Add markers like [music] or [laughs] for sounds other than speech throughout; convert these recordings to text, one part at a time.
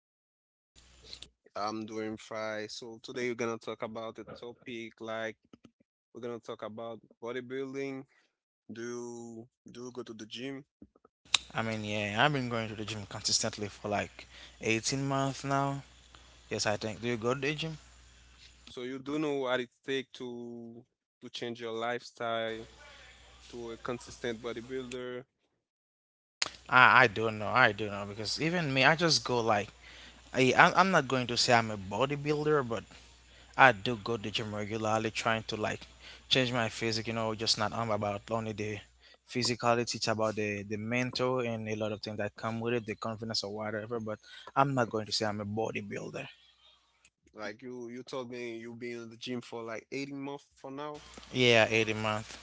fine, you. I'm doing fine. So today we're gonna talk about a topic like we're gonna talk about bodybuilding. Do you go to the gym? I mean, yeah, I've been going to the gym consistently for like 18 months now. Yes, I think. Do you go to the gym? So you do know what it takes to change your lifestyle to a consistent bodybuilder. I don't know. I don't know because even me, I just go like I'm not going to say I'm a bodybuilder, but I do go to the gym regularly, trying to like change my physique. You know, just not about only the physicality. It's about the mental and a lot of things that come with it, the confidence or whatever. But I'm not going to say I'm a bodybuilder. Like you told me you've been in the gym for like 18 months for now. Yeah, 18 month.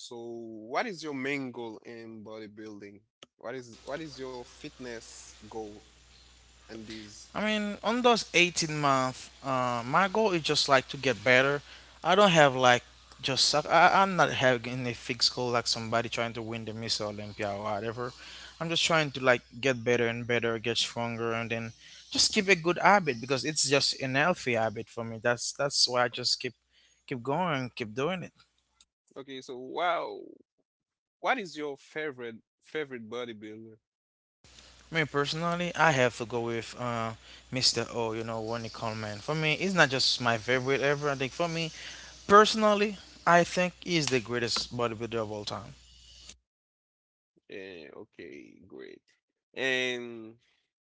So what is your main goal in bodybuilding? What is your fitness goal and this? I mean, on those 18 month, my goal is just like to get better. I don't have like just suck. I'm not having a fixed goal like somebody trying to win the Miss Olympia or whatever. I'm just trying to like get better and better, get stronger, and then just keep a good habit because it's just an healthy habit for me. That's why I just keep going, keep doing it. Okay, so wow, what is your favorite bodybuilder? Me personally, I have to go with Mr. O, you know, Ronnie Coleman. For me, it's not just my favorite ever. I think for me, personally, I think he's the greatest bodybuilder of all time. Okay, great. And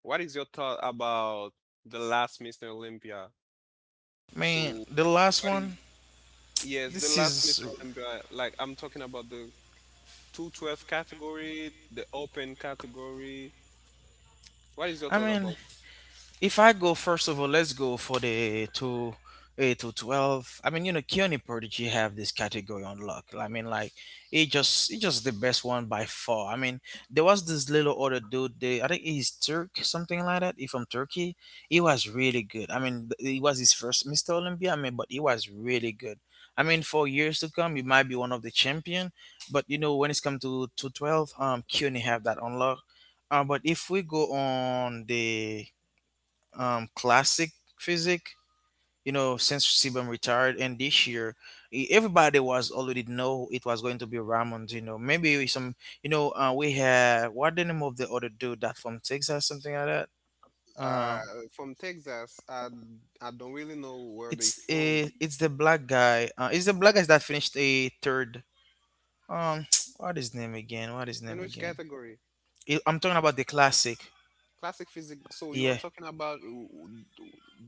what is your thought about the last Mr. Olympia? I mean, So, the last what is, one, yes, the this last Mr. is, Olympia, like I'm talking about the 212 category, the open category. What is your I thought mean, about if I go first of all, let's go for the 28 to 12. I mean, you know, Keone Prodigy have this category on luck. I mean, like he just the best one by far. I mean, there was this little other dude. I think he's Turk, something like that. He from Turkey. He was really good. I mean, he was his first Mr. Olympia. I mean, but he was really good. I mean, for years to come, he might be one of the champion. But you know, when it's come to 12, Keone have that on luck. But if we go on the classic physics. You know, since Sebum retired, and this year everybody was already know it was going to be Ramond. You know, maybe with some. You know, we have what the name of the other dude that from Texas, something like that. this? Uh, From Texas? I don't really know where they it's from a, it's the black guy. It's the black guy that finished a third. Um, [tsk] what is his name again? What is his and name which again? category. I'm talking about the classic. Classic physique. So you are Yeah, talking about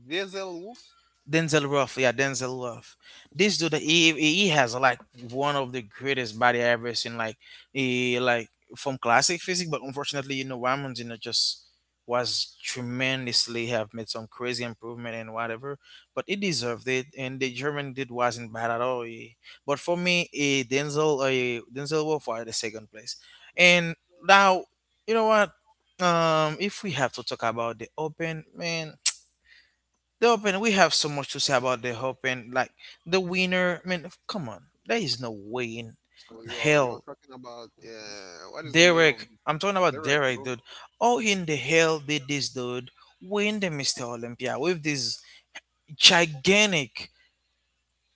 Diesel Wolf? Denzel Ruff, yeah, Denzel Ruff. This dude, he has like one of the greatest body I ever seen. Like he like from classic physics, but unfortunately, you know, Ramon you know just was tremendously have made some crazy improvement and whatever. But he deserved it, and the German dude wasn't bad at all. But for me, a Denzel Ruff are the second place. And now, you know what? If we have to talk about the Open, man. The Open, we have so much to say about the Open. Like the winner, I mean, come on, there is no way in So you're hell. talking about what is the name of Derek, this I'm guy? talking about Derek? Derek, No, dude. How in the hell did this dude win the Mr. Olympia with this gigantic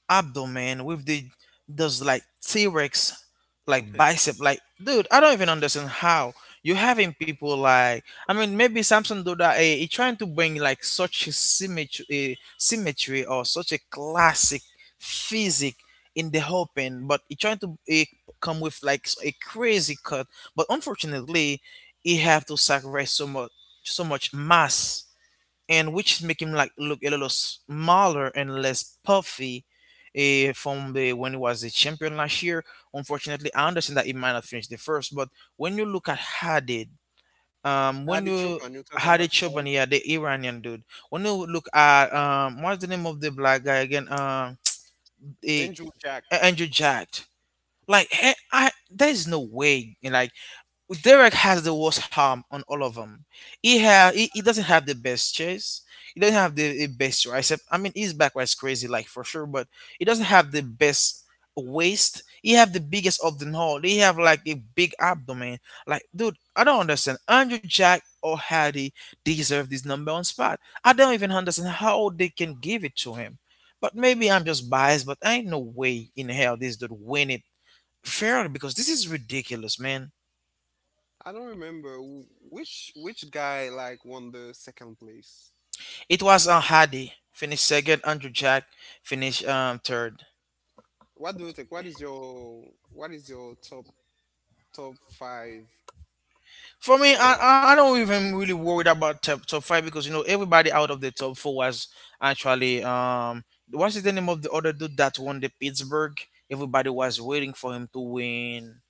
abdomen with the those like T-Rex like [laughs] bicep like dude, I don't even understand how you're having people like. I mean, maybe Samson do that, he trying to bring like such a symmetry or such a classic physique in the open, but he trying to come with like a crazy cut, but unfortunately he have to sacrifice so much mass, and which make him like look a little smaller and less puffy from the when he was a champion last year. Unfortunately, I understand that he might not finish the first, but when you look at Hadid, when Adi you Chupan. You're talking Hadid about Adi, Chobania, the Iranian dude, when you look at what's the name of the black guy again? Eh, Andrew Jack. Andrew Jack. Like there's no way, and like Derek has the worst harm on all of them. He doesn't have the best chase. He doesn't have the best tricep. I mean, his back was crazy, like for sure, but he doesn't have the best waist. He have the biggest of them all. He have like a big abdomen. Like, dude, I don't understand. Andrew Jack or Hardy deserve this number one spot. I don't even understand how they can give it to him. But maybe I'm just biased. But ain't no way in hell this dude win it fairly, because this is ridiculous, man. I don't remember which guy like won the second place. It was Hardy finished second. Andrew Jack finished third. What do you think? What is your what is your top five For me, I, for? I I don't even really worried about top five, because you know everybody out of the top four was actually what is the name of the other dude that won the Pittsburgh? Everybody was waiting for him to win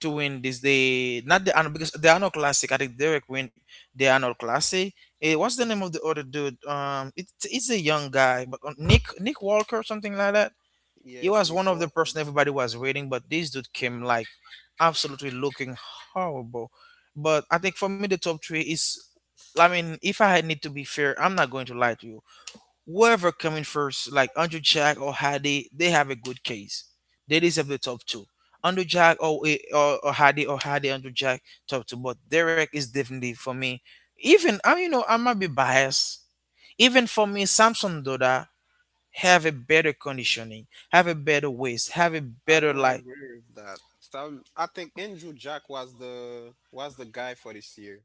this day. Not the Arnold, because the Arnold Classic, I think Derek win the Arnold Classic. What's the name of the other dude? It's a young guy, but Nick Walker something like that. He Yes, was Nick one of the Walker. person everybody was rating, but this dude came like absolutely looking horrible. But I think for me the top three is, I mean, if I had need to be fair, I'm not going to lie to you. Whoever coming first, like Andrew Jack or Hardy, they have a good case. They deserve the top two. Andrew Jack or or Hadi or Hardy, Andrew Jack top two, but Derek is definitely for me. You know, I might be biased. Even for me, Samson Doda have a better conditioning, have a better waist, have a I better don't like. agree with that. Some I think Andrew Jack was the guy for this year.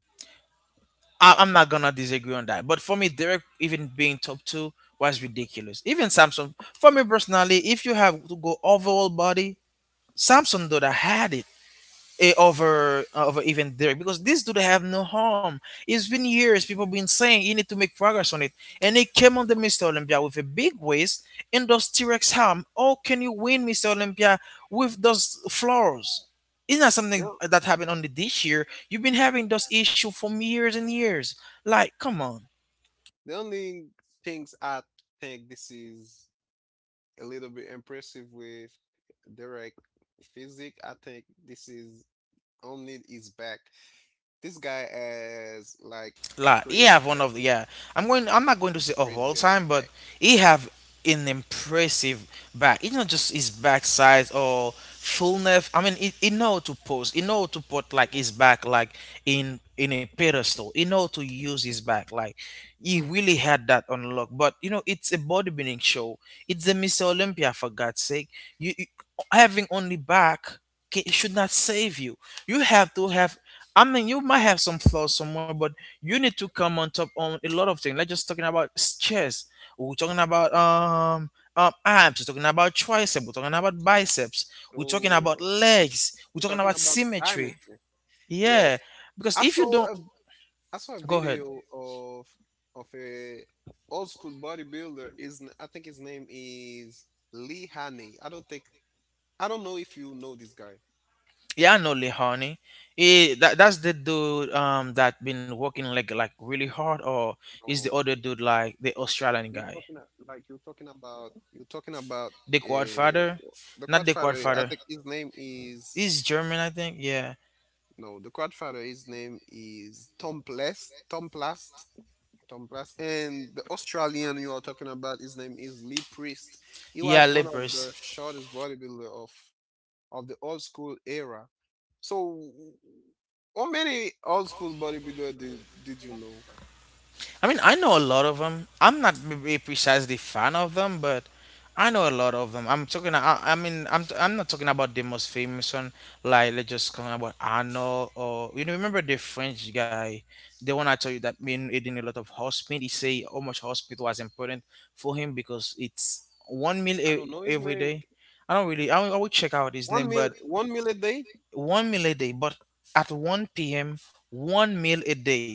I'm not gonna disagree on that. But for me, Derek even being top two was ridiculous. Even Samsung, for me personally, if you have to go overall body, Samsung though that had it, over even Derek, because this dude have no harm. It's been years people been saying you need to make progress on it, and he came on the Mr. Olympia with a big waist and those T Rex harm. How can you win Mr. Olympia with those flaws? It's not something No, that happened only this year. You've been having those issue for years and years. Like, come on. the only things I think this is a little bit impressive with Derek Physic. I think this is only his back. This guy has like a La, he crazy have back, one of the, yeah. I'm going. I'm not going to say of all crazy as time, but back. he have an impressive back. It's not just his back size or fullness. I mean, he know how to pose. He know how to put like his back like in a pedestal. He know how to use his back like. He really had that unlock, but you know it's a bodybuilding show. It's a Mr. Olympia for God's sake. You having only back should not save you. You have to have. I mean, you might have some flaws somewhere, but you need to come on top on a lot of things. Like just talking about chest, we're talking about abs, we're talking about triceps, we're talking about biceps, we're talking about So legs, we're we're talking talking about about symmetry. symmetry. Yes, Yeah, because I if you saw don't, a I saw a go ahead. video of a old school bodybuilder. Is I think his name is Lee Haney. I don't think. I don't know if you know this guy. Yeah, I know, Lee Honey. That's the dude that been working like really hard, or is the Oh, other dude like the Australian you're guy, talking a- like you're talking about the quad uh, father, the not the quad Godfather. I father. think his name is He's German, I think. Yeah, no, The Godfather. His name is Tom Plast. Tom Plast. And the Australian you are talking about, his name is Lee Priest. He Yeah, was one of Lippers. the shortest bodybuilder of the old school era. So, how many old school bodybuilder did you know? I mean, I know a lot of them. I'm not precisely fan of them, but I know a lot of them. I mean, I'm not talking about the most famous one. Like let's just talking about Arnold or, you know, remember the French guy, the one I told you that been eating a lot of hospital. He say how much hospital was important for him because it's one meal I don't know his every name. day. I don't really. I will check out his name. But One meal a day. one meal a day, but at 1 p.m., one meal a day,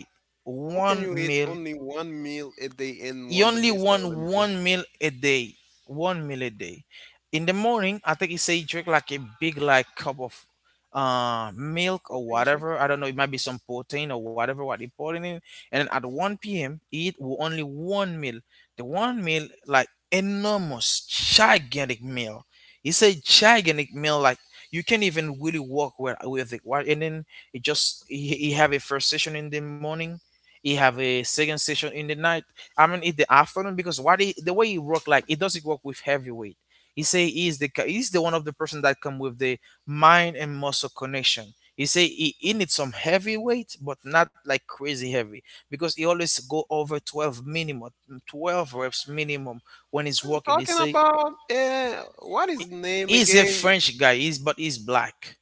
How can one you eat meal, only one meal a day and you won the only Mr. want Olympia? one meal a day, one meal a day. In the morning, I think he say he drink like a big like cup of milk or Protein shake? whatever. I don't know, it might be some protein or whatever what he put in it. And then at 1 p.m eat only one meal, the one meal like enormous gigantic meal. It's a gigantic meal, like you can't even really walk where with it. And then it just, he have a first session in the morning, he have a second session in the night, I mean, in the afternoon, because what he, the way he work like it doesn't work with heavyweight. He say he is the ca- He's the one of the person that come with the mind and muscle connection. He say he needs some heavy weight, but not like crazy heavy because he always go over 12 minimum, 12 reps minimum when he's Are you working. He talking say about what his name he's a again? French guy, he's but he's black.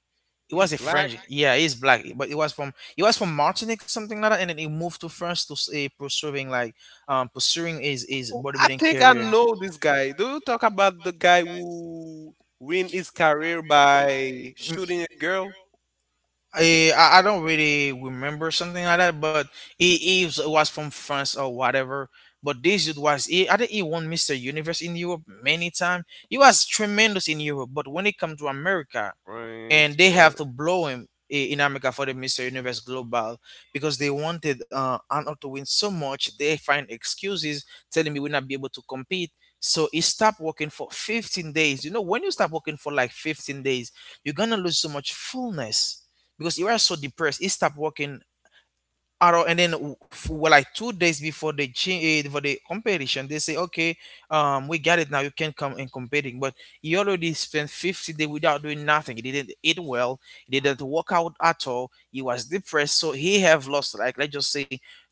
It He's was a black. French. Yeah, he's black, but it was from Martinique, something like that, and then he moved to France to pursuing like pursuing his Oh, I bodybuilding think I career. know this guy. Do you talk about the guy who win his career by shooting a girl? I don't really remember something like that, but he was from France or whatever. But this dude was he, I think he won Mr. Universe in Europe many times. He was tremendous in Europe, but when it comes to America, Friends, and they have bro. to blow him in America for the Mr. Universe Global because they wanted Arnold to win so much. They find excuses telling me we'll not be able to compete. So he stopped working for 15 days. You know, when you stop working for like 15 days, you're gonna lose so much fullness because you are so depressed. He stopped working at all. And then like 2 days before the change for the competition, they say, okay, we got it now. You can come and competing. But he already spent 50 days without doing nothing. He didn't eat well. He didn't work out at all. He was depressed. So he have lost like, let's just say,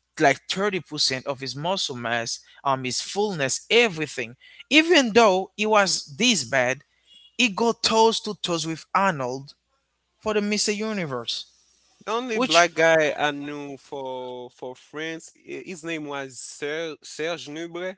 like 30% of his muscle mass, his fullness, everything. Even though he was this bad, he got toes to toes with Arnold for the Mr. Universe, The only which black guy I knew for France, his name was Serge Nubre.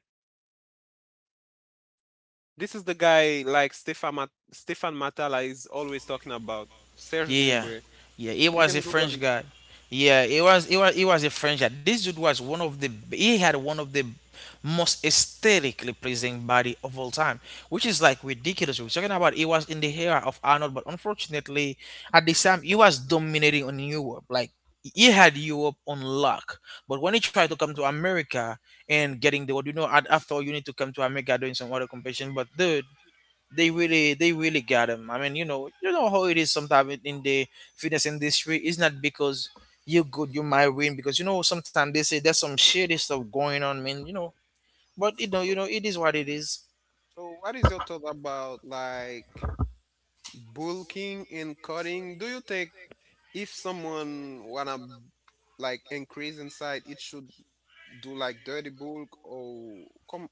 This is the guy like Stefan Matala is always talking about. Serge Yeah, Nubre. yeah, he You was can a Google French it. guy. Yeah, he was a French guy. This dude was one of the He had one of the most aesthetically pleasing body of all time, which is like ridiculous. We're talking about he was in the era of Arnold, but unfortunately, at the time he was dominating on Europe. Like he had Europe on lock, but when he tried to come to America and getting the what, you know, I thought you need to come to America doing some other competition, but dude, they really got him. I mean, you know how it is sometimes in the fitness industry. It's not because you're good you might win, because you know sometimes they say there's some shady stuff going on, man. You know, but you So, know, it is what it is. so what is your thought about like bulking and cutting? Do you think if someone wanna like increase in size, it should do like dirty bulk or come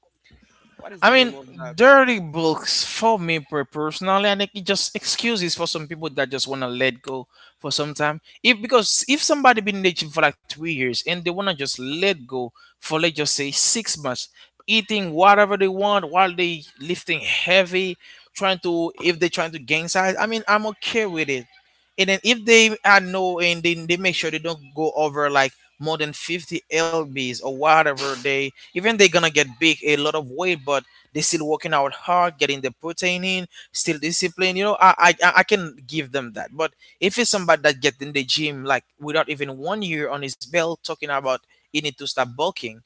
what is I the name mean, of that? dirty books for me personally, I think it just excuses for some people that just wanna let go for some time. If Because if somebody been in the gym for like 3 years and they wanna just let go for, let's just say, 6 months, eating whatever they want while they lifting heavy, trying to if they trying to gain size, I mean I'm okay with it, and then if they are no and then they make sure they don't go over like more than 50 lbs or whatever, they even they're gonna get big a lot of weight, but they still working out hard, getting the protein in, still disciplined, you know, I can give them that. But if it's somebody that get in the gym like without even 1 year on his belt talking about he need to stop bulking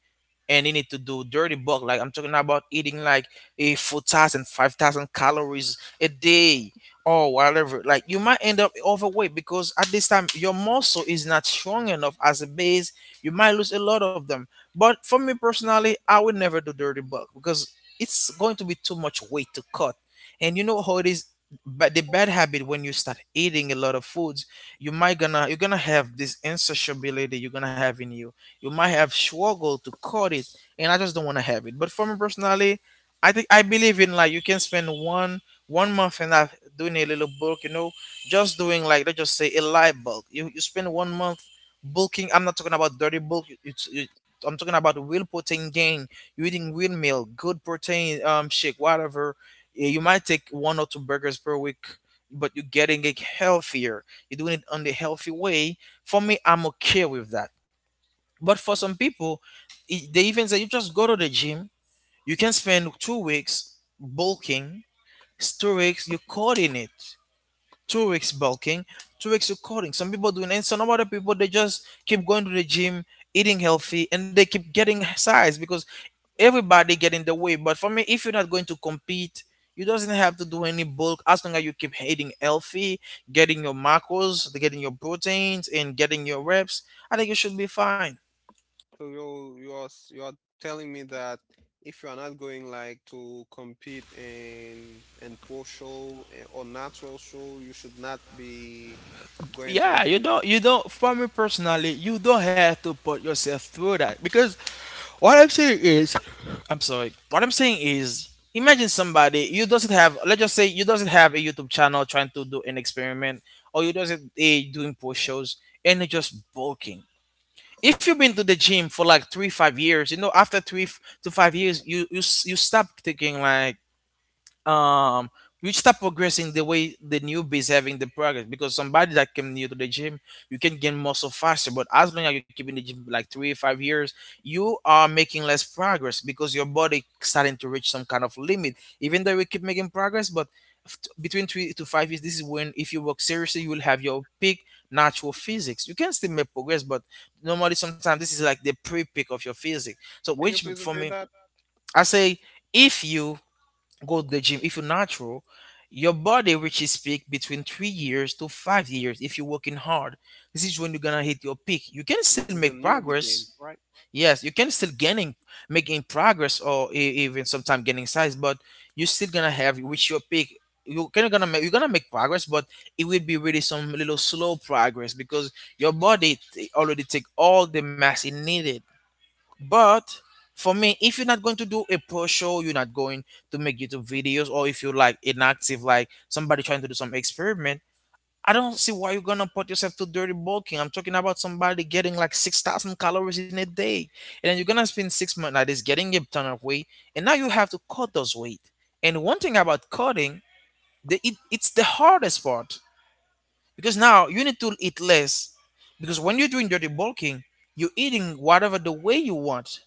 and they need to do dirty bulk. Like I'm talking about eating like a 4,000, 5,000 calories a day or whatever. Like you might end up overweight because at this time your muscle is not strong enough as a base. You might lose a lot of them. But for me personally, I would never do dirty bulk because it's going to be too much weight to cut. And you know how it is, but the bad habit, when you start eating a lot of foods, you might gonna, you're gonna have this insatiability you're gonna have in you, you might have struggled to cut it, and I just don't want to have it. But for me personally, I think I believe in, like, you can spend one month and half doing a little bulk, you know, just doing, like, let's just say a light bulk. You spend 1 month bulking. I'm not talking about dirty bulk. I'm talking about real protein gain. You're eating real meal, good protein, shake, whatever. Yeah, you might take one or two burgers per week, but you're getting it healthier, you're doing it on the healthy way. For me I'm okay with that. But for some people, they even say you just go to the gym, you can spend 2 weeks bulking, 2 weeks you cutting it, 2 weeks bulking, 2 weeks you cutting. Some people doing, and some other people they just keep going to the gym, eating healthy, and they keep getting size because everybody get in the way. But for me, if you're not going to compete, you doesn't have to do any bulk as long as you keep eating healthy, getting your macros, getting your proteins, and getting your reps. I think you should be fine. So you are you are telling me that if you are not going like to compete in pro show or natural show, you should not be going to a Yeah, booth. You don't, for me personally, you don't have to put yourself through that. Because what i'm saying is what I'm saying is, imagine somebody, you doesn't have let's just say you doesn't have a YouTube channel trying to do an experiment, or you doesn't doing post shows, and you're just bulking. If you've been to the gym for like 3 5 years, you know, after three f- to 5 years you you stop taking like um you start progressing the way the newbies having the progress, because somebody that came new to the gym, you can gain muscle faster, but as long as you keep in the gym like 3 5 years, you are making less progress because your body starting to reach some kind of limit. Even though we keep making progress, but between 3 to 5 years, this is when, if you work seriously, you will have your peak natural physics. You can still make progress, but normally sometimes this is like the pre-peak of your physics, so Can you which please for repeat me, that? I say, if you go to the gym, if you're natural, your body reaches peak between 3 years to 5 years. If you're working hard, this is when you're gonna hit your peak. You can This still is make the newbie progress. games, right? Yes, you can still gaining making progress, or even sometimes gaining size, but you're still gonna have reach your peak. You're gonna make progress, but it will be really some little slow progress because your body already take all the mass it needed. But for me, if you're not going to do a pro show, you're not going to make YouTube videos, or if you're like inactive, like somebody trying to do some experiment, I don't see why you're gonna put yourself to dirty bulking. I'm talking about somebody getting like 6,000 calories in a day, and then you're gonna spend 6 months like this getting a ton of weight, and now you have to cut those weight. And one thing about cutting, it's the hardest part because now you need to eat less, because when you're doing dirty bulking, you're eating whatever the way you want,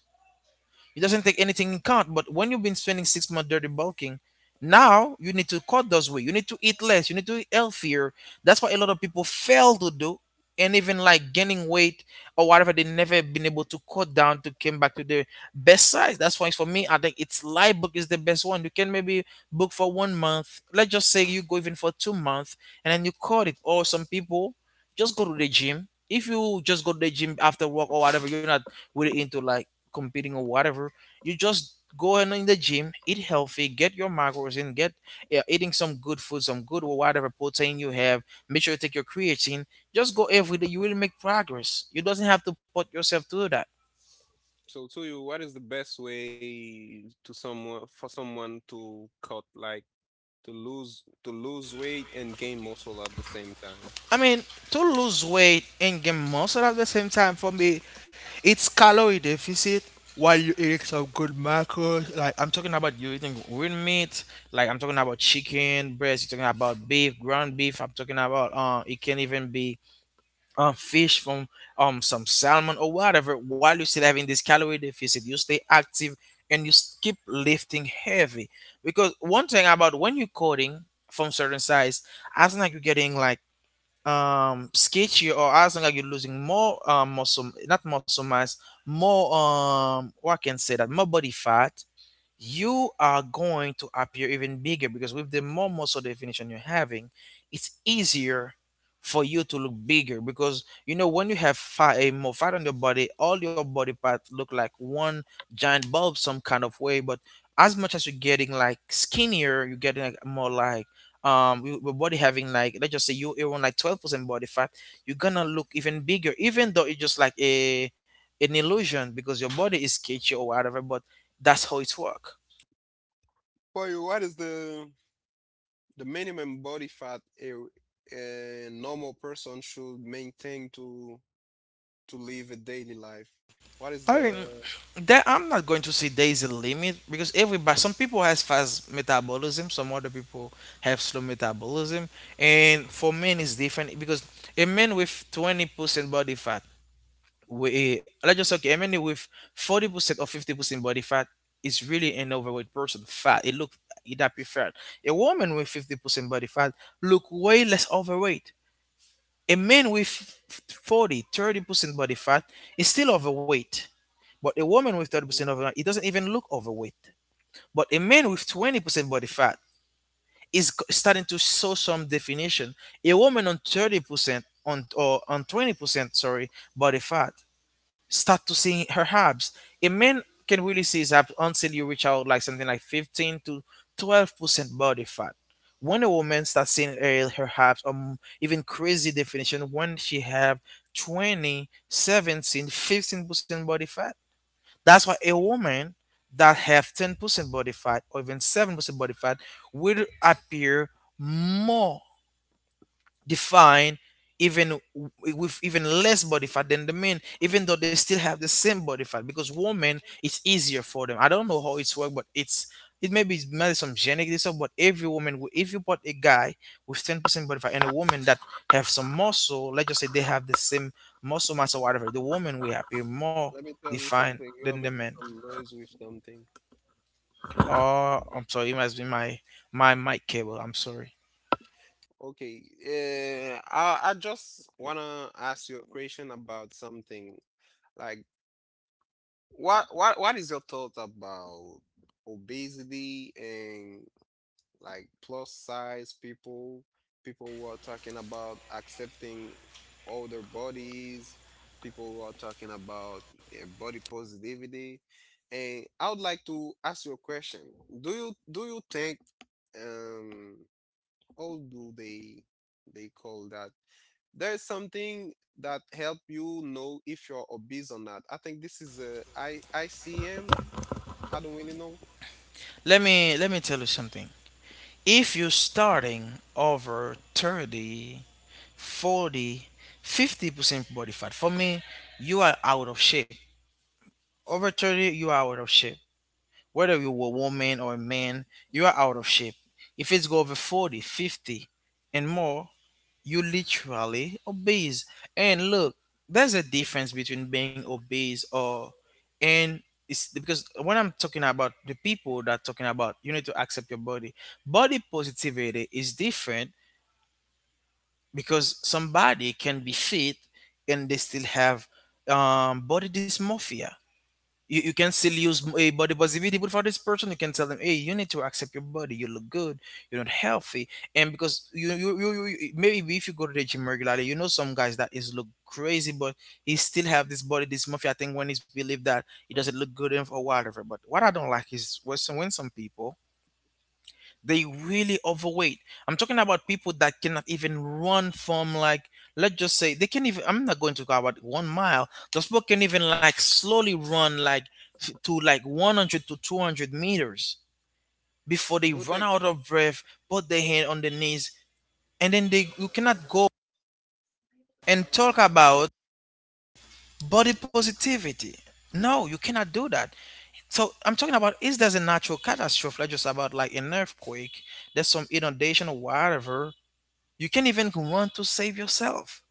it doesn't take anything in count. But when you've been spending 6 months dirty bulking, now you need to cut those weight. You need to eat less. You need to eat healthier. That's what a lot of people fail to do. And even like gaining weight or whatever, they never been able to cut down to came back to their best size. That's why for me, I think it's light book is the best one. You can maybe book for 1 month. Let's just say you go even for 2 months and then you cut it. Or some people just go to the gym. If you just go to the gym after work or whatever, you're not really into like competing or whatever. You just go in the gym, eat healthy, get your macros in, get, yeah, eating some good food, some good or whatever protein you have. Make sure you take your creatine. Just go every day. You will make progress. You doesn't have to put yourself through that. So to you, what is the best way to someone for someone to cut like to lose weight and gain muscle at the same time? I mean, to lose weight and gain muscle at the same time, for me, it's calorie deficit while you eat some good macros. Like, I'm talking about you eating real meat, like, I'm talking about chicken, breast, you're talking about beef, ground beef, I'm talking about, it can even be fish from some salmon or whatever. While you still having this calorie deficit, you stay active and keep lifting heavy. Because one thing about when you're coding from certain size, as like you're getting like sketchy, or as long as you're losing more muscle, not muscle mass, more what I can say that more body fat, you are going to appear even bigger because with the more muscle definition you're having, it's easier for you to look bigger. Because you know, when you have fat, a more fat on your body, all your body parts look like one giant bulb some kind of way. But as much as you're getting like skinnier, you're getting like more like your body having, like, let's just say you're on like 12% body fat, you're gonna look even bigger, even though it's just like a an illusion because your body is cage or whatever, but that's how it works. For you, what is the minimum body fat a normal person should maintain to live a daily life. What is I mean, the? that, I'm not going to say there is a limit because everybody, some people has fast metabolism, some other people have slow metabolism, and for men it's different. Because a man with 20% body fat, we, let's just say, okay, a man with 40% or 50% body fat is really an overweight person. Fat, it look it appear fat. A woman with 50% body fat look way less overweight. A man with 40, 30% body fat is still overweight. But a woman with Mhm. 30% of it doesn't even look overweight. But a man with 20% body fat is starting to show some definition. A woman on 30%, on, or on 20%, sorry, body fat start to see her abs. A man can really see his abs until you reach out like something like 15 to 12% body fat. When a woman starts seeing her, her abs, even crazy definition when she have 20, 17, 15% body fat. That's why a woman that have 10% body fat or even 7% body fat will appear more define even w- with even less body fat than the men, even though they still have the same body fat. Because women, it's easier for them. I don't know how it's work, but it's it maybe it's maybe some genetic disorder. But every woman, if you put a guy with 10% body fat and a woman that have some muscle, let's just say they have the same muscle mass or whatever, the woman will appear more Let me tell you defined something. You than are the making men. some noise with something. Oh, I'm sorry, it must be my my mic cable, I'm sorry. Okay. I just wanna ask you a question about something. Like, what is your thought about obesity and like plus size people, people who are talking about accepting older bodies, people who are talking about body positivity. And I would like to ask you a question. Do you think um how do they call that? There's something that help you know if you're obese or not. I think this is a I ICM. I don't really know. Let me let me tell you something. If you're starting over 30, 40, 50% body fat, for me, you are out of shape. Over 30, you are out of shape. Whether you were a woman or a man, you are out of shape. If it's go over 40, 50, and more, you literally obese. And look, there's a difference between being obese or and it's because when I'm talking about the people that are talking about, you need to accept your body. Body positivity is different because somebody can be fit and they still have body dysmorphia. You can still use a body positivity, but for this person, you can tell them, hey, you need to accept your body, you look good, you're not healthy. And because you, maybe if you go to the gym regularly, you know some guys that is look crazy, but he still have this body dysmorphia. I think when he's believed that it doesn't look good enough or whatever. But what I don't like is when when some people they really overweight. I'm talking about people that cannot even run from, like, let's just say they can even, I'm not going to go about 1 mile, those people can even like slowly run like to like 100 to 200 meters before they Do you run think out of breath, put their hand on their knees, and then they, you cannot go and talk about body positivity. No, you cannot do that. So I'm talking about, is there's a natural catastrophe, like just about like an earthquake, there's some inundation or whatever, you can not even want to save yourself,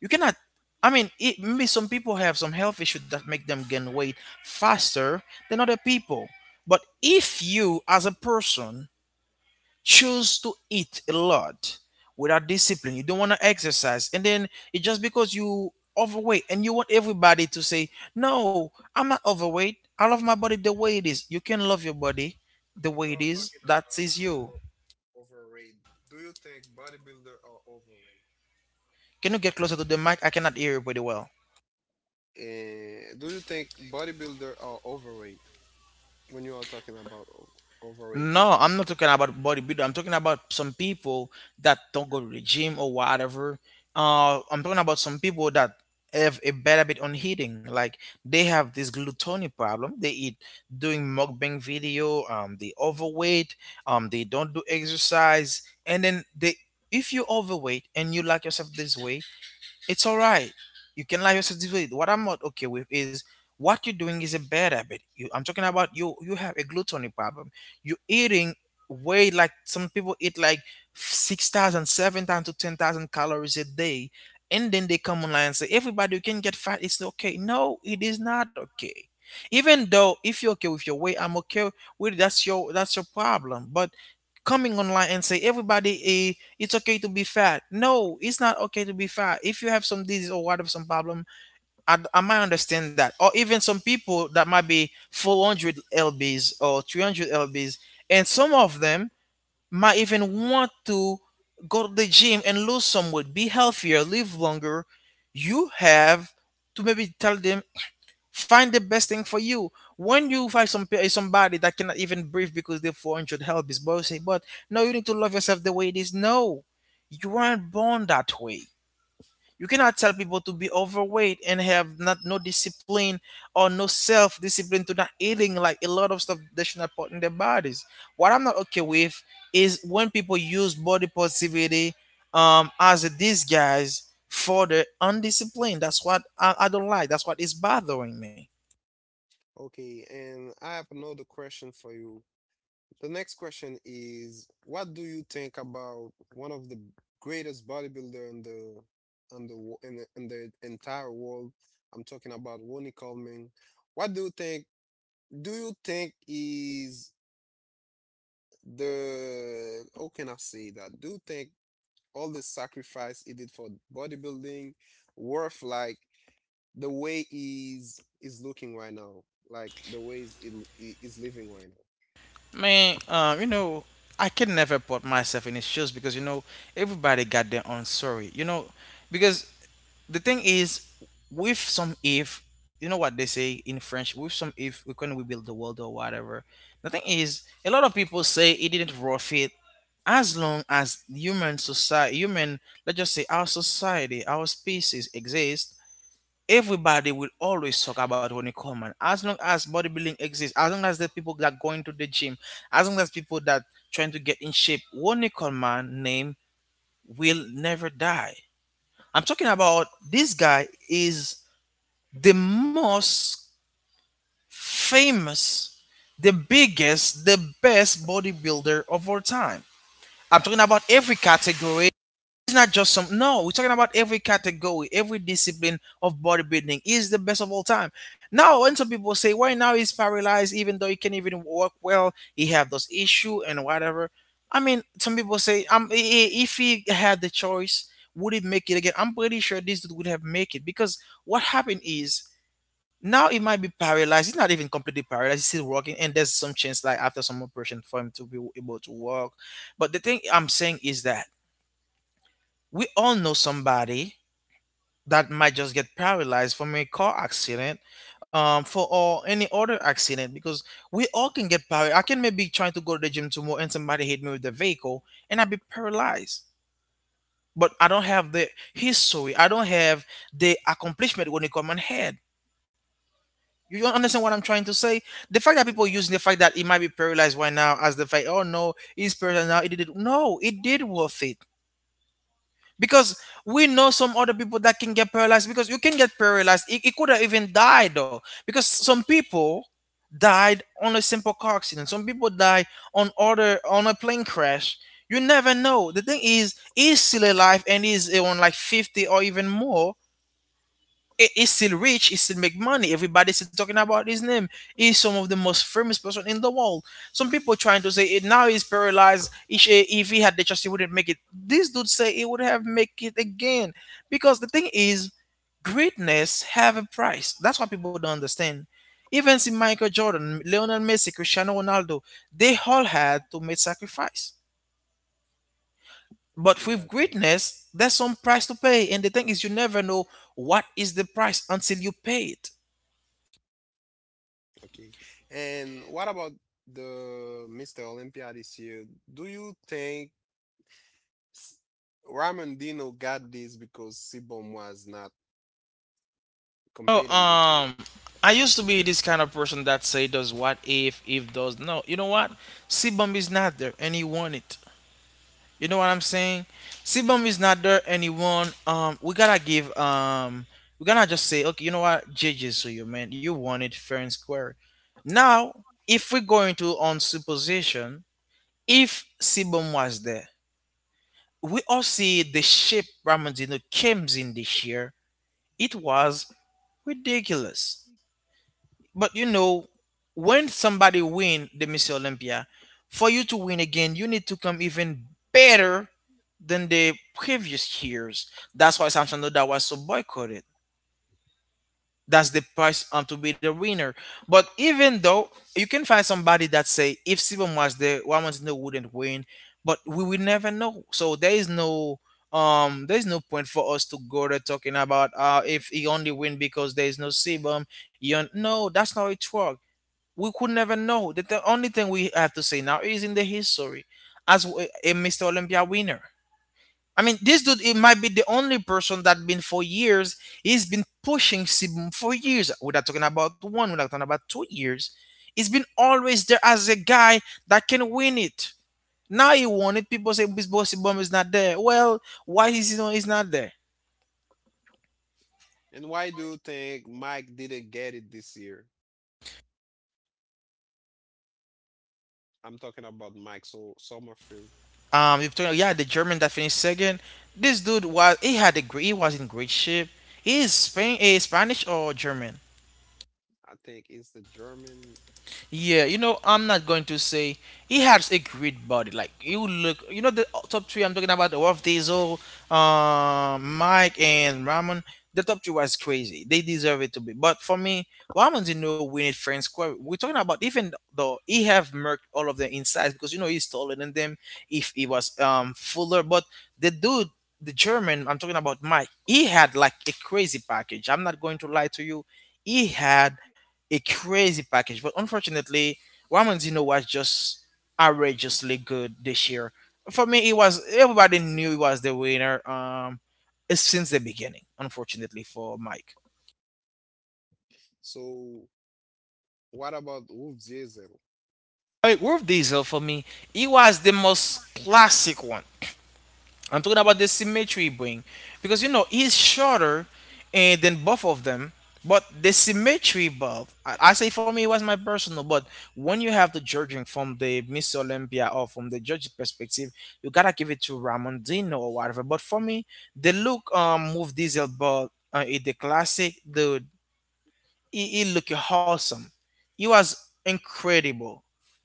you cannot. I mean it, maybe some people have some health issue that make them gain weight faster than other people. But if you as a person choose to eat a lot without discipline, you don't want to exercise, and then it's just because you overweight and you want everybody to say, no, I'm not overweight, I love my body the way it is. You can love your body the if way you're it is, talking that about is you. overrated. Do you think bodybuilder are overrated? Can you get closer to the mic? I cannot hear you pretty well. Do you think bodybuilder are overrated when you are talking about overweight No, people? I'm not talking about bodybuilder. I'm talking about some people that don't go to the gym or whatever. I'm talking about some people that have a bad habit on eating. Like, they have this gluttony problem. They eat doing mukbang video. They overweight. They don't do exercise. And then they, if you overweight and you like yourself this way, it's all right, you can allow yourself to do it. What I'm not okay with is what you're doing is a bad habit. You, I'm talking about you, you have a gluttony problem. You're eating way like some people eat like 6,000, 7,000 to 10,000 calories a day, and then they come online and say, everybody, you can get fat, it's okay. No, it is not okay. Even though if you're okay with your weight, I'm okay with, that's your problem. But coming online and say, everybody, it's okay to be fat. No, it's not okay to be fat. If you have some disease or whatever, some problem, I might understand that. Or even some people that might be 400 lbs or 300 lbs, and some of them might even want to go to the gym and lose some weight, be healthier, live longer, you have to maybe tell them, find the best thing for you. When you find some somebody that cannot even breathe because they're 400, help is both say, but no, you need to love yourself the way it is. No, you weren't born that way. You cannot tell people to be overweight and have not no discipline or no self discipline to not eating like a lot of stuff they should not put in their bodies. What I'm not okay with is when people use body positivity, as a disguise for the undisciplined. That's what I don't like. That's what is bothering me. Okay, and I have another question for you. The next question is, what do you think about one of the greatest bodybuilder in the in in the entire world? I'm talking about Ronnie Coleman. What do you think? Do you think is the how can I say that? Do you think all the sacrifice he did for bodybuilding worth like the way he's is looking right now, like the way he's living right now. Man, you know, I can never put myself in his shoes because, you know, everybody got their own story. You know, because the thing is, with some if, you know what they say in French, with some if we can rebuild the world or whatever. The thing is, a lot of people say it didn't worth it. As long as human society, human, let's just say our society, our species exist, everybody will always talk about Ronnie Coleman. As long as bodybuilding exists, as long as there's people that going to the gym, as long as people that trying to get in shape, Ronnie Coleman name will never die. I'm talking about, this guy is the most famous, the biggest, the best bodybuilder of all time. I'm talking about every category, it's not just some, no, we're talking about every category, every discipline of bodybuilding. He's the best of all time. Now when some people say, why now he's paralyzed, even though he can even walk well, he have those issue and whatever. I mean, some people say, if he had the choice, would he make it again? I'm pretty sure this dude would have make it. Because what happened is, now he might be paralyzed, he's not even completely paralyzed, he's still walking, and there's some chance, like after some operation, for him to be able to walk. But the thing I'm saying is that we all know somebody that might just get paralyzed from a car accident, for or any other accident, because we all can get paralyzed. I can maybe trying to go to the gym tomorrow and somebody hit me with the vehicle and I be paralyzed. But I don't have the history, I don't have the accomplishment when it come on head. You don't understand what I'm trying to say? The fact that Yes, uh, people using the fact that he might be paralyzed right now as the fact, oh no, he's paralyzed now, it did it. No, it did worth it because we know some other people that can get paralyzed because you can get paralyzed it could have even died though because some people died on a simple car accident, some people die on a plane crash. You never know. The thing is he's still alive and he's on like 50 or even more. He's still rich. He still make money. Everybody's still talking about his name. He's some of the most famous person in the world. Some people trying to say it now he's paralyzed. If he had the chance, he wouldn't make it. This dude say he would have make it again because the thing is, greatness have a price. That's what people don't understand. Even see Michael Jordan, Lionel Messi, Cristiano Ronaldo, they all had to make sacrifice. okay, But yes, with yes. greatness, there's some price to pay. And the thing is, you never know what is the price until you pay it. Okay. And what about the Mr. Olympia this year? Do you think S- Ramondino got this because Sibom was not Oh, competing this year? um, I used to be this kind of person that say does what if does. No, you know what? Sebum is not there and he won it. You know what I'm saying? Sebum is not there and he won. We gotta give, we gotta just say, okay, you know what? JJ's to you, man. You won it fair and square. Now, if we're going to on supposition, if Sebum was there, we all see the shape Ramondino came in this year. It was ridiculous. But you know, when somebody win the Miss Olympia, for you to win again, you need to come even better than the previous years. That's why Samsung Noda was so boycotted. That's the price to be the winner. But even though you can find somebody that say if Sibom was there, Wamanzino wouldn't win. But we will never know. So there is no point for us to go there talking about if he only win because there is no Sibom. You no, that's not how it works. We could never know. That the only thing we have to say now is in the history as a Mr. Olympia winner. I mean, this dude it might be the only person that been for years. He's been pushing Sibum for years. We're not talking about one. We're not talking about 2 years. He's been always there as a guy that can win it. Now he won it. People say Miss Bossy Bum is not there. Well, why is he not, he's not there? And why do you think Mike didn't get it this year? I'm talking about Mike so Sommerfeld. Victoria, yeah, the German that finished second. This dude was he had a great he was in great shape. He is Spain, Spanish or German? I think it's the German. Yeah, you know, I'm not going to say he has a great body. Like you look, you know, the top three I'm talking about: the Wolf Diesel, Mike, and Ramon. The top three was crazy. They deserve it to be. But for me, Ramon didn't know we need friends. Square. We're talking about even though he have merked all of their insides because you know he's taller than them. If he was fuller, but the dude. The German, I'm talking about Mike. He had like a crazy package. I'm not going to lie to you. He had a crazy package. But unfortunately, Ramon Zino was just outrageously good this year. For me, it was everybody knew he was the winner. Since the beginning. Unfortunately for Mike, So what about Wolf Diesel? I Wolf Diesel for me, he was the most classic one. I'm talking about the symmetry he bring because you know he's shorter and than both of them, but the symmetry buff. I say for me it was my personal, but when you have the judging from the Miss Olympia or from the judge perspective, you gotta give it to Ramondino or whatever. But for me, the look move diesel but in the classic, the he looked awesome. He was incredible.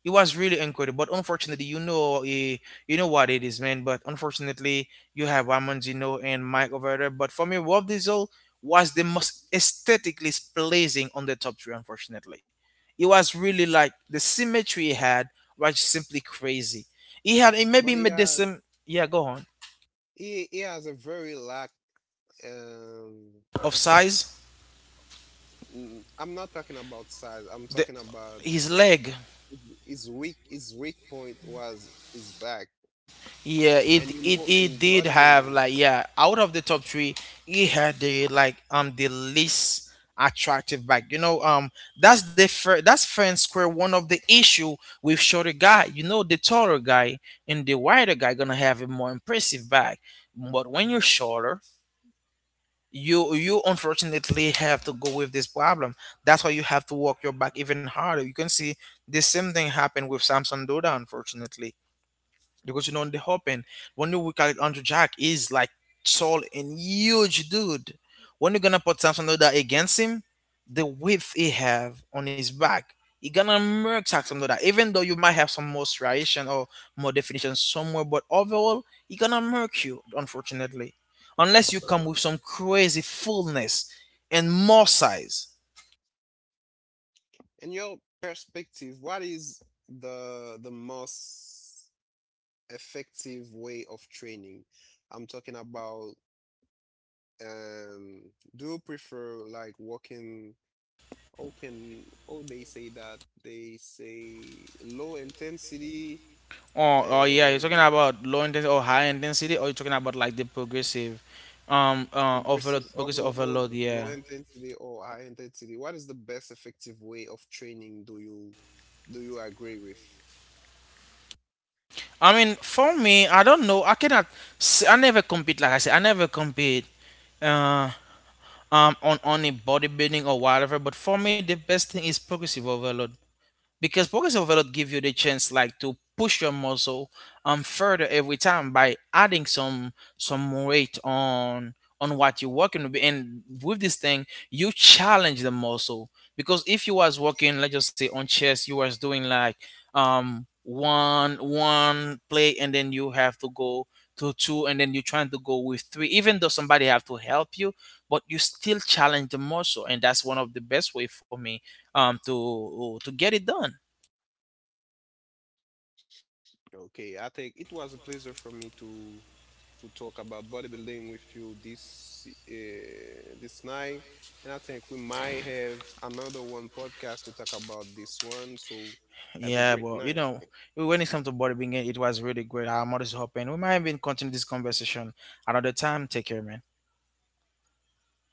It was really incredible. But unfortunately, you know, you know what it is, man. But unfortunately, you have Ramon Gino and Mike over there. But for me, Rob Diesel was the most aesthetically pleasing on the top three. Unfortunately, it was really like the symmetry he had was simply crazy. He had he But he maybe made has the same. Yeah, go on. He has a very lack. Um, Of size, mm, I'm not talking about size. I'm talking the about his leg. his weak point was his back. Yeah, And you it know, it in it did bodybuilding, have like yeah, out of the top three, it had the like the least attractive back. You know, that's fair and square one of the issue with shorter guy. You know, the taller guy and the wider guy gonna have a more impressive back. But when you're shorter, you unfortunately have to go with this problem. That's why you have to work your back even harder. You can see the same thing happened with Samson Doda, unfortunately because you know on the hop when you look at Andrew Jack is like tall and huge dude. When you're gonna put Samson Loda against him, the width he have on his back, you're gonna murk Samson Loda. Even though you might have some more striation or more definition somewhere, but overall he gonna murk you, unfortunately. Unless you come with some crazy fullness and more size. in your perspective, what is the most effective way of training? I'm talking about um, do you prefer like walking? How can oh they say that they say low intensity, Oh, oh yeah, uh, you're talking about low intensity or high intensity, or you're talking about like the progressive, progressive overload, progressive overload, overload. low Yeah. intensity or high intensity, what is the best effective way of training? Do you do you agree with? I mean, for me, I don't know. I cannot. I never compete. Like I said, I never compete. Uh, on a bodybuilding or whatever. But for me, the best thing is progressive overload, because progressive overload give you the chance like to push your muscle further every time by adding some weight on what you're working with, and with this thing you challenge the muscle because if you was working, let's just say on chest, you was doing like one play and then you have to go to two and then you're trying to go with three even though somebody have to help you, but you still challenge the muscle, and that's one of the best way for me to get it done. Okay, I think it was a pleasure for me to talk about bodybuilding with you this this night, and I think we might have another one podcast to talk about this one. So have a great night. Yeah, well, you know, when it comes to bodybuilding it was really great. I'm always hoping we might even continue this conversation another time. Take care, man. Okay, take care.